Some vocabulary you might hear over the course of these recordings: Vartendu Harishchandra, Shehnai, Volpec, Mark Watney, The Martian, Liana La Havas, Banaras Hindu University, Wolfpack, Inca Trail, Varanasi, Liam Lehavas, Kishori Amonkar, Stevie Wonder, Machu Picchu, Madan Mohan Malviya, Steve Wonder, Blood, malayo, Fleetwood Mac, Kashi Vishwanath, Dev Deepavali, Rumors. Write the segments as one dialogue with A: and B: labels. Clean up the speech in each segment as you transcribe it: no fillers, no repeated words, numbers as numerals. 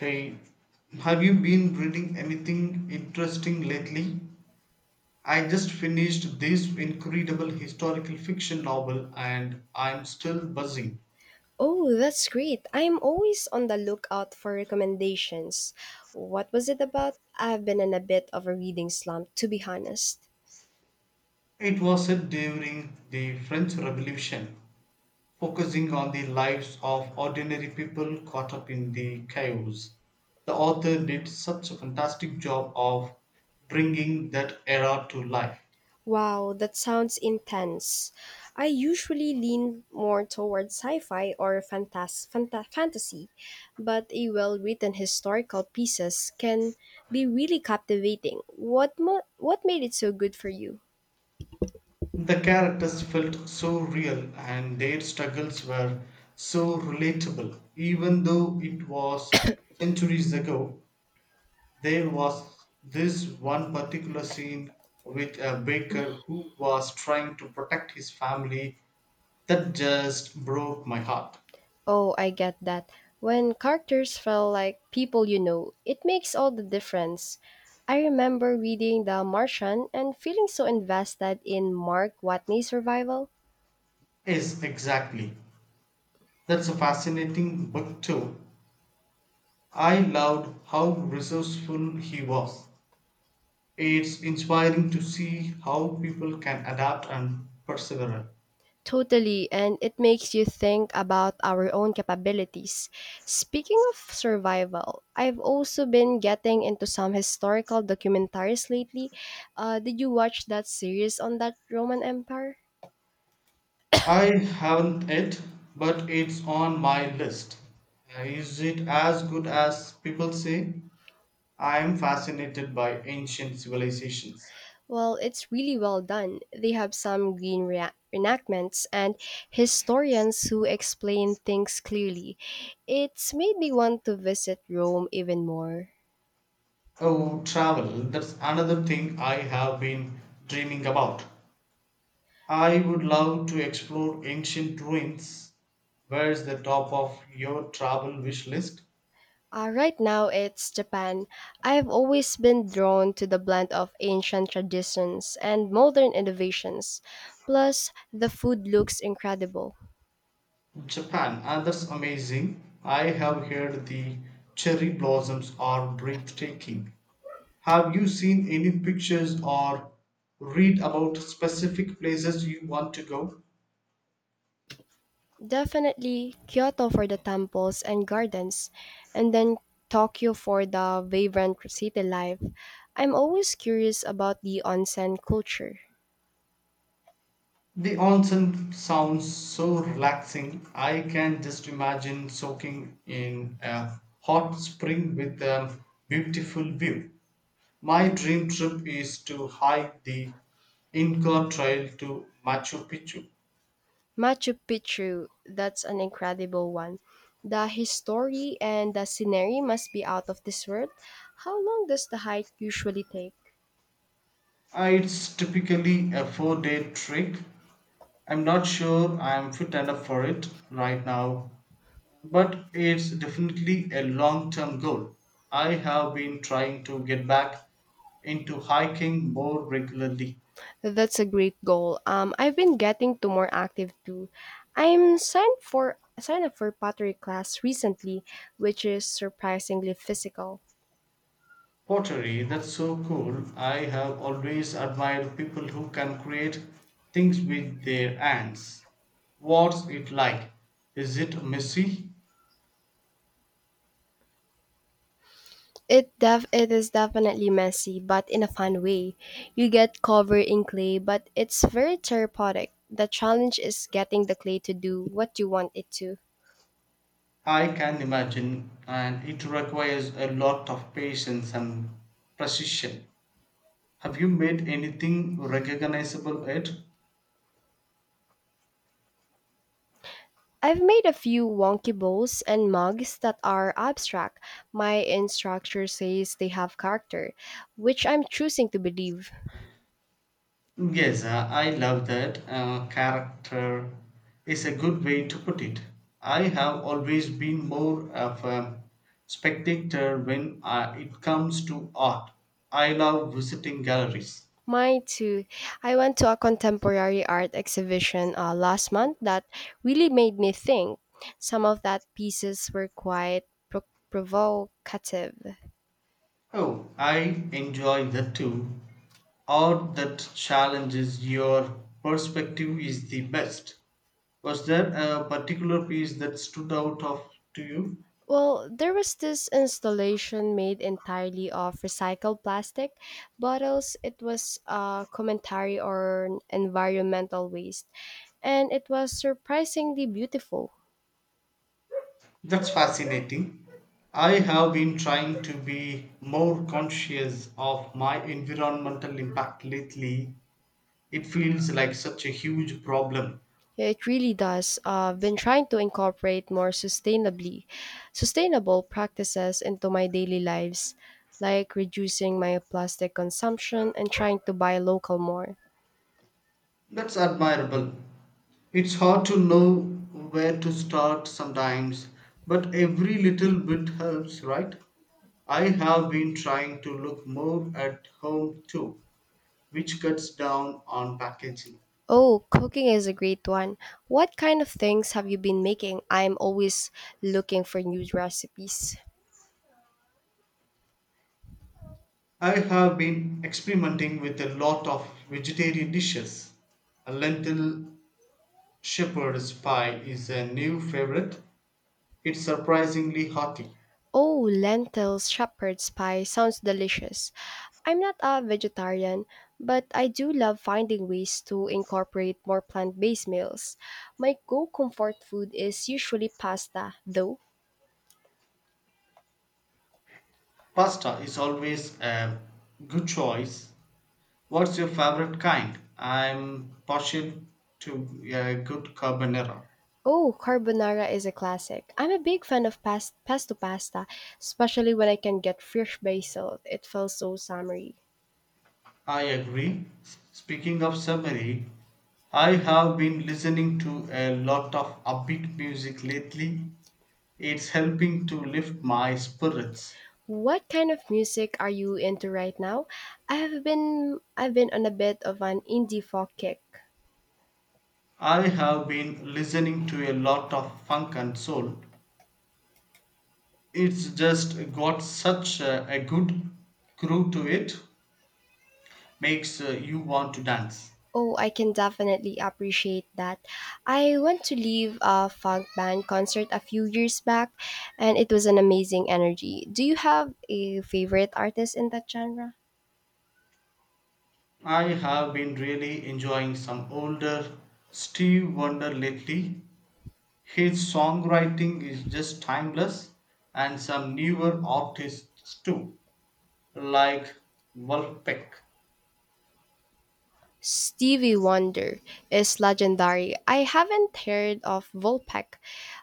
A: Hey, have you been reading anything interesting lately? I just finished this incredible historical fiction novel and I'm still buzzing.
B: Oh, that's great. I'm always on the lookout for recommendations. What was it about? I've been in a bit of a reading slump, to be honest.
A: It was set during the French Revolution, focusing on the lives of ordinary people caught up in the chaos. The author did such a fantastic job of bringing that era to life.
B: Wow, that sounds intense. I usually lean more towards sci fi or fantasy, but a well written historical pieces can be really captivating. What made it so good for you?
A: The characters felt so real and their struggles were so relatable. Even though it was centuries ago, there was this one particular scene with a baker who was trying to protect his family that just broke my heart.
B: Oh, I get that. When characters feel like people you know, it makes all the difference. I remember reading The Martian and feeling so invested in Mark Watney's survival.
A: Yes, exactly. That's a fascinating book, too. I loved how resourceful he was. It's inspiring to see how people can adapt and persevere.
B: Totally, and it makes you think about our own capabilities. Speaking of survival, I've also been getting into some historical documentaries lately. Did you watch that series on that Roman Empire?
A: I haven't yet, but it's on my list. Is it as good as people say? I am fascinated by ancient civilizations.
B: Well, it's really well done. They have some reenactments and historians who explain things clearly. It's made me want to visit Rome even more.
A: Oh, travel, that's another thing I have been dreaming about. I would love to explore ancient ruins. Where's the top of your travel wish list?
B: Right now, it's Japan. I've always been drawn to the blend of ancient traditions and modern innovations. Plus, the food looks incredible.
A: Japan, ah, that's amazing. I have heard the cherry blossoms are breathtaking. Have you seen any pictures or read about specific places you want to go?
B: Definitely Kyoto for the temples and gardens, and then Tokyo for the vibrant city life. I'm always curious about the onsen culture.
A: The onsen sounds so relaxing. I can just imagine soaking in a hot spring with a beautiful view. My dream trip is to hike the Inca Trail to Machu Picchu.
B: Machu Picchu, that's an incredible one. The history and the scenery must be out of this world. How long does the hike usually take?
A: It's typically a 4 day trek. I'm not sure I'm fit enough for it right now, but it's definitely a long term goal. I have been trying to get back into hiking more regularly.
B: That's a great goal. I've been getting to more active too. I'm signed for signed up for pottery class recently, which is surprisingly physical.
A: Pottery, that's so cool. I have always admired people who can create things with their hands. What's it like? Is it messy?
B: It is definitely messy, but in a fun way. You get covered in clay, but it's very therapeutic. The challenge is getting the clay to do what you want it to.
A: I can imagine, and it requires a lot of patience and precision. Have you made anything recognizable yet?
B: I've made a few wonky bowls and mugs that are abstract. My instructor says they have character, which I'm choosing to believe.
A: Yes, I love that. Character is a good way to put it. I have always been more of a spectator when it comes to art. I love visiting galleries.
B: Mine too. I went to a contemporary art exhibition last month that really made me think. Some of that pieces were quite pro- provocative.
A: Oh, I enjoy that too. Art that challenges your perspective is the best. Was there a particular piece that stood out of to you?
B: Well, there was this installation made entirely of recycled plastic bottles. It was a commentary on environmental waste, and it was surprisingly beautiful.
A: That's fascinating. I have been trying to be more conscious of my environmental impact lately. It feels like such a huge problem.
B: It really does. I've been trying to incorporate more sustainably sustainable practices into my daily lives, like reducing my plastic consumption and trying to buy local more.
A: That's admirable. It's hard to know where to start sometimes, but every little bit helps, right? I have been trying to look more at home too, which cuts down on packaging.
B: Oh, cooking is a great one. What kind of things have you been making? I'm always looking for new recipes.
A: I have been experimenting with a lot of vegetarian dishes. A lentil shepherd's pie is a new favorite. It's surprisingly hearty.
B: Oh, lentils shepherd's pie sounds delicious. I'm not a vegetarian, but I do love finding ways to incorporate more plant-based meals. My go-comfort food is usually pasta, though.
A: Pasta is always a good choice. What's your favorite kind? I'm partial to a good carbonara.
B: Oh, carbonara is a classic. I'm a big fan of pesto pasta, especially when I can get fresh basil. It feels so summery.
A: I agree. Speaking of summary, I have been listening to a lot of upbeat music lately. It's helping to lift my spirits.
B: What kind of music are you into right now? I've been on a bit of an indie folk kick.
A: I have been listening to a lot of funk and soul. It's just got such a good groove to it, makes you want to dance.
B: Oh, I can definitely appreciate that. I went to leave a funk band concert a few years back and it was an amazing energy. Do you have a favorite artist in that genre?
A: I have been really enjoying some older Steve Wonder lately. His songwriting is just timeless, and some newer artists too, like Wolfpack.
B: Stevie Wonder is legendary. I haven't heard of Volpec.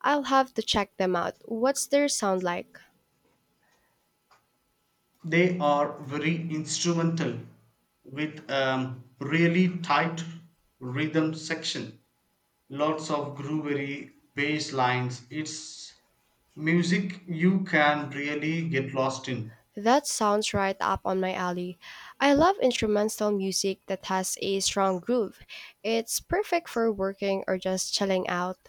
B: I'll have to check them out. What's their sound like?
A: They are very instrumental with a really tight rhythm section, lots of groovy bass lines. It's music you can really get lost in.
B: That sounds right up on my alley. I love instrumental music that has a strong groove. It's perfect for working or just chilling out.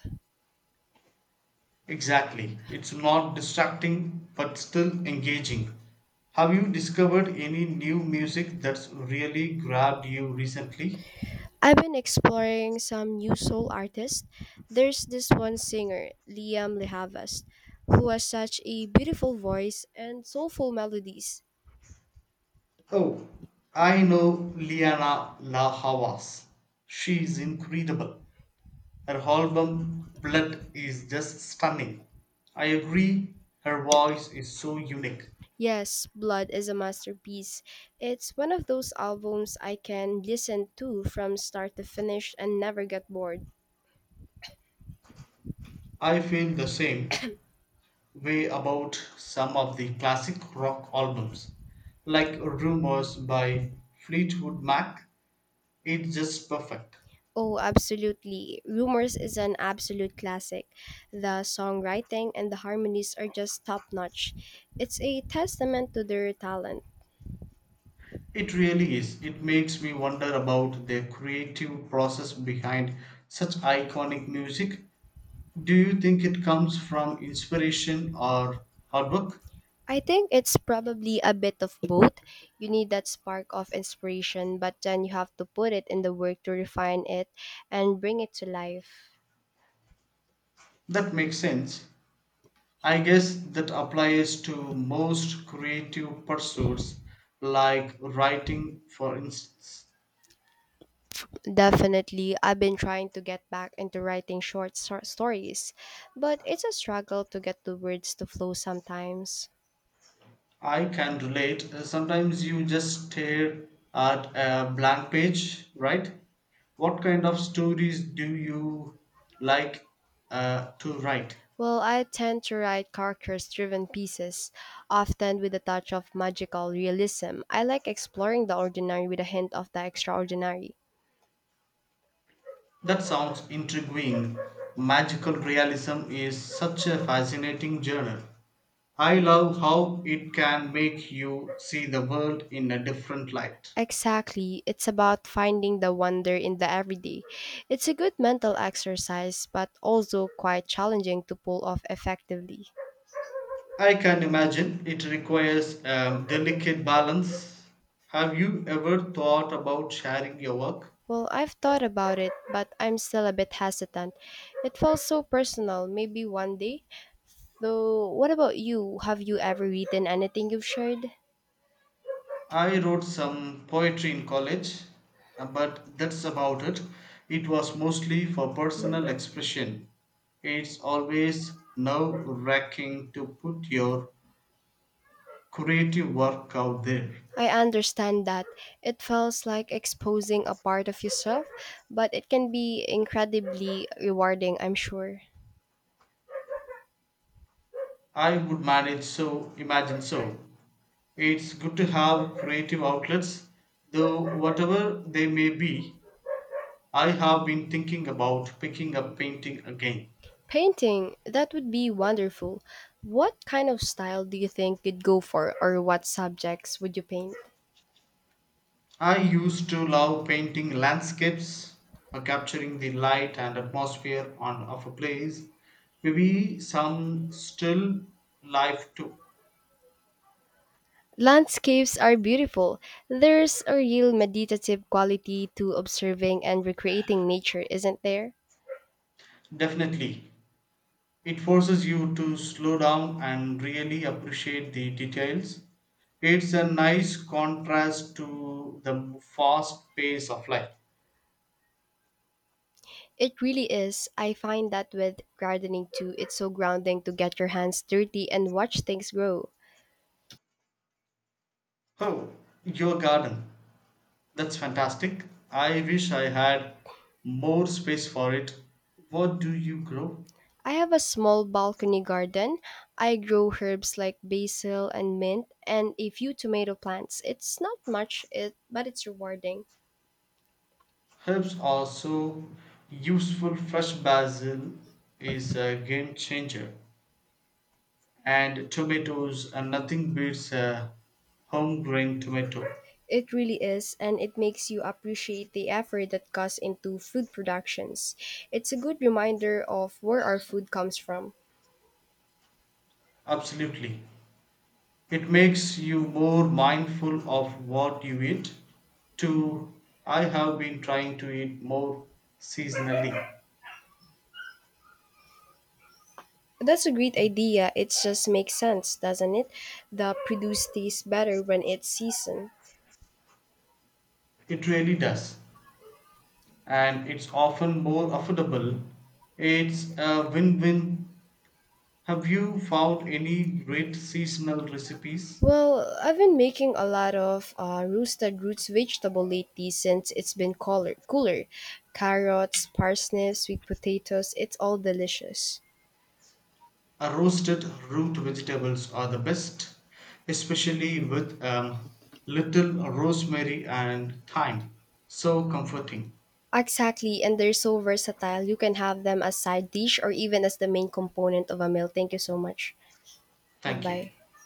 A: Exactly. It's not distracting but still engaging. Have you discovered any new music that's really grabbed you recently?
B: I've been exploring some new soul artists. There's this one singer, Liam Lehavas, who has such a beautiful voice and soulful melodies.
A: Oh, I know Liana La Havas. She's incredible. Her album Blood is just stunning. I agree, her voice is so unique.
B: Yes, Blood is a masterpiece. It's one of those albums I can listen to from start to finish and never get bored.
A: I feel the same way about some of the classic rock albums, like Rumors by Fleetwood Mac. It's just perfect.
B: Oh, absolutely. Rumors is an absolute classic. The songwriting and the harmonies are just top notch. It's a testament to their talent.
A: It really is. It makes me wonder about the creative process behind such iconic music. Do you think it comes from inspiration or hard work?
B: I think it's probably a bit of both. You need that spark of inspiration, but then you have to put it in the work to refine it and bring it to life.
A: That makes sense. I guess that applies to most creative pursuits, like writing, for instance.
B: Definitely, I've been trying to get back into writing stories, but it's a struggle to get the words to flow sometimes.
A: I can relate. Sometimes you just stare at a blank page, right? What kind of stories do you like to write?
B: Well, I tend to write characters driven pieces, often with a touch of magical realism. I like exploring the ordinary with a hint of the extraordinary.
A: That sounds intriguing. Magical realism is such a fascinating genre. I love how it can make you see the world in a different light.
B: Exactly. It's about finding the wonder in the everyday. It's a good mental exercise, but also quite challenging to pull off effectively.
A: I can imagine it requires a delicate balance. Have you ever thought about sharing your work?
B: Well, I've thought about it, but I'm still a bit hesitant. It feels so personal, maybe one day. Though, what about you? Have you ever written anything you've shared?
A: I wrote some poetry in college, but that's about it. It was mostly for
B: Mm.
A: personal expression. It's always nerve wracking to put your creative work out there.
B: I understand that. It feels like exposing a part of yourself, but it can be incredibly rewarding, I'm sure.
A: I would manage so, imagine so. It's good to have creative outlets, though, whatever they may be. I have been thinking about picking up painting again.
B: Painting, that would be wonderful. What kind of style do you think you'd go for, or what subjects would you paint?
A: I used to love painting landscapes, capturing the light and atmosphere on, of a place. Maybe some still life too.
B: Landscapes are beautiful. There's a real meditative quality to observing and recreating nature, isn't there?
A: Definitely. It forces you to slow down and really appreciate the details. It's a nice contrast to the fast pace of life.
B: It really is. I find that with gardening too, it's so grounding to get your hands dirty and watch things grow.
A: Oh, your garden. That's fantastic. I wish I had more space for it. What do you grow?
B: I have a small balcony garden. I grow herbs like basil and mint and a few tomato plants. It's not much, it, but it's rewarding.
A: Herbs are so useful. Fresh basil is a game changer, and tomatoes, and nothing beats a homegrown tomato.
B: It really is, and it makes you appreciate the effort that goes into food productions. It's a good reminder of where our food comes from.
A: Absolutely. It makes you more mindful of what you eat. Two, I have been trying to eat more seasonally.
B: That's a great idea. It just makes sense, doesn't it? The produce tastes better when it's seasoned.
A: It really does. And it's often more affordable. It's a win win. Have you found any great seasonal recipes?
B: Well, I've been making a lot of roosted roots vegetable lately since it's been cooler. Carrots, parsnips, sweet potatoes, it's all delicious.
A: Roasted root vegetables are the best, especially with little rosemary and thyme. So comforting.
B: Exactly, and they're so versatile. You can have them as side dish or even as the main component of a meal. Thank you so much.
A: Thank you.
B: Goodbye.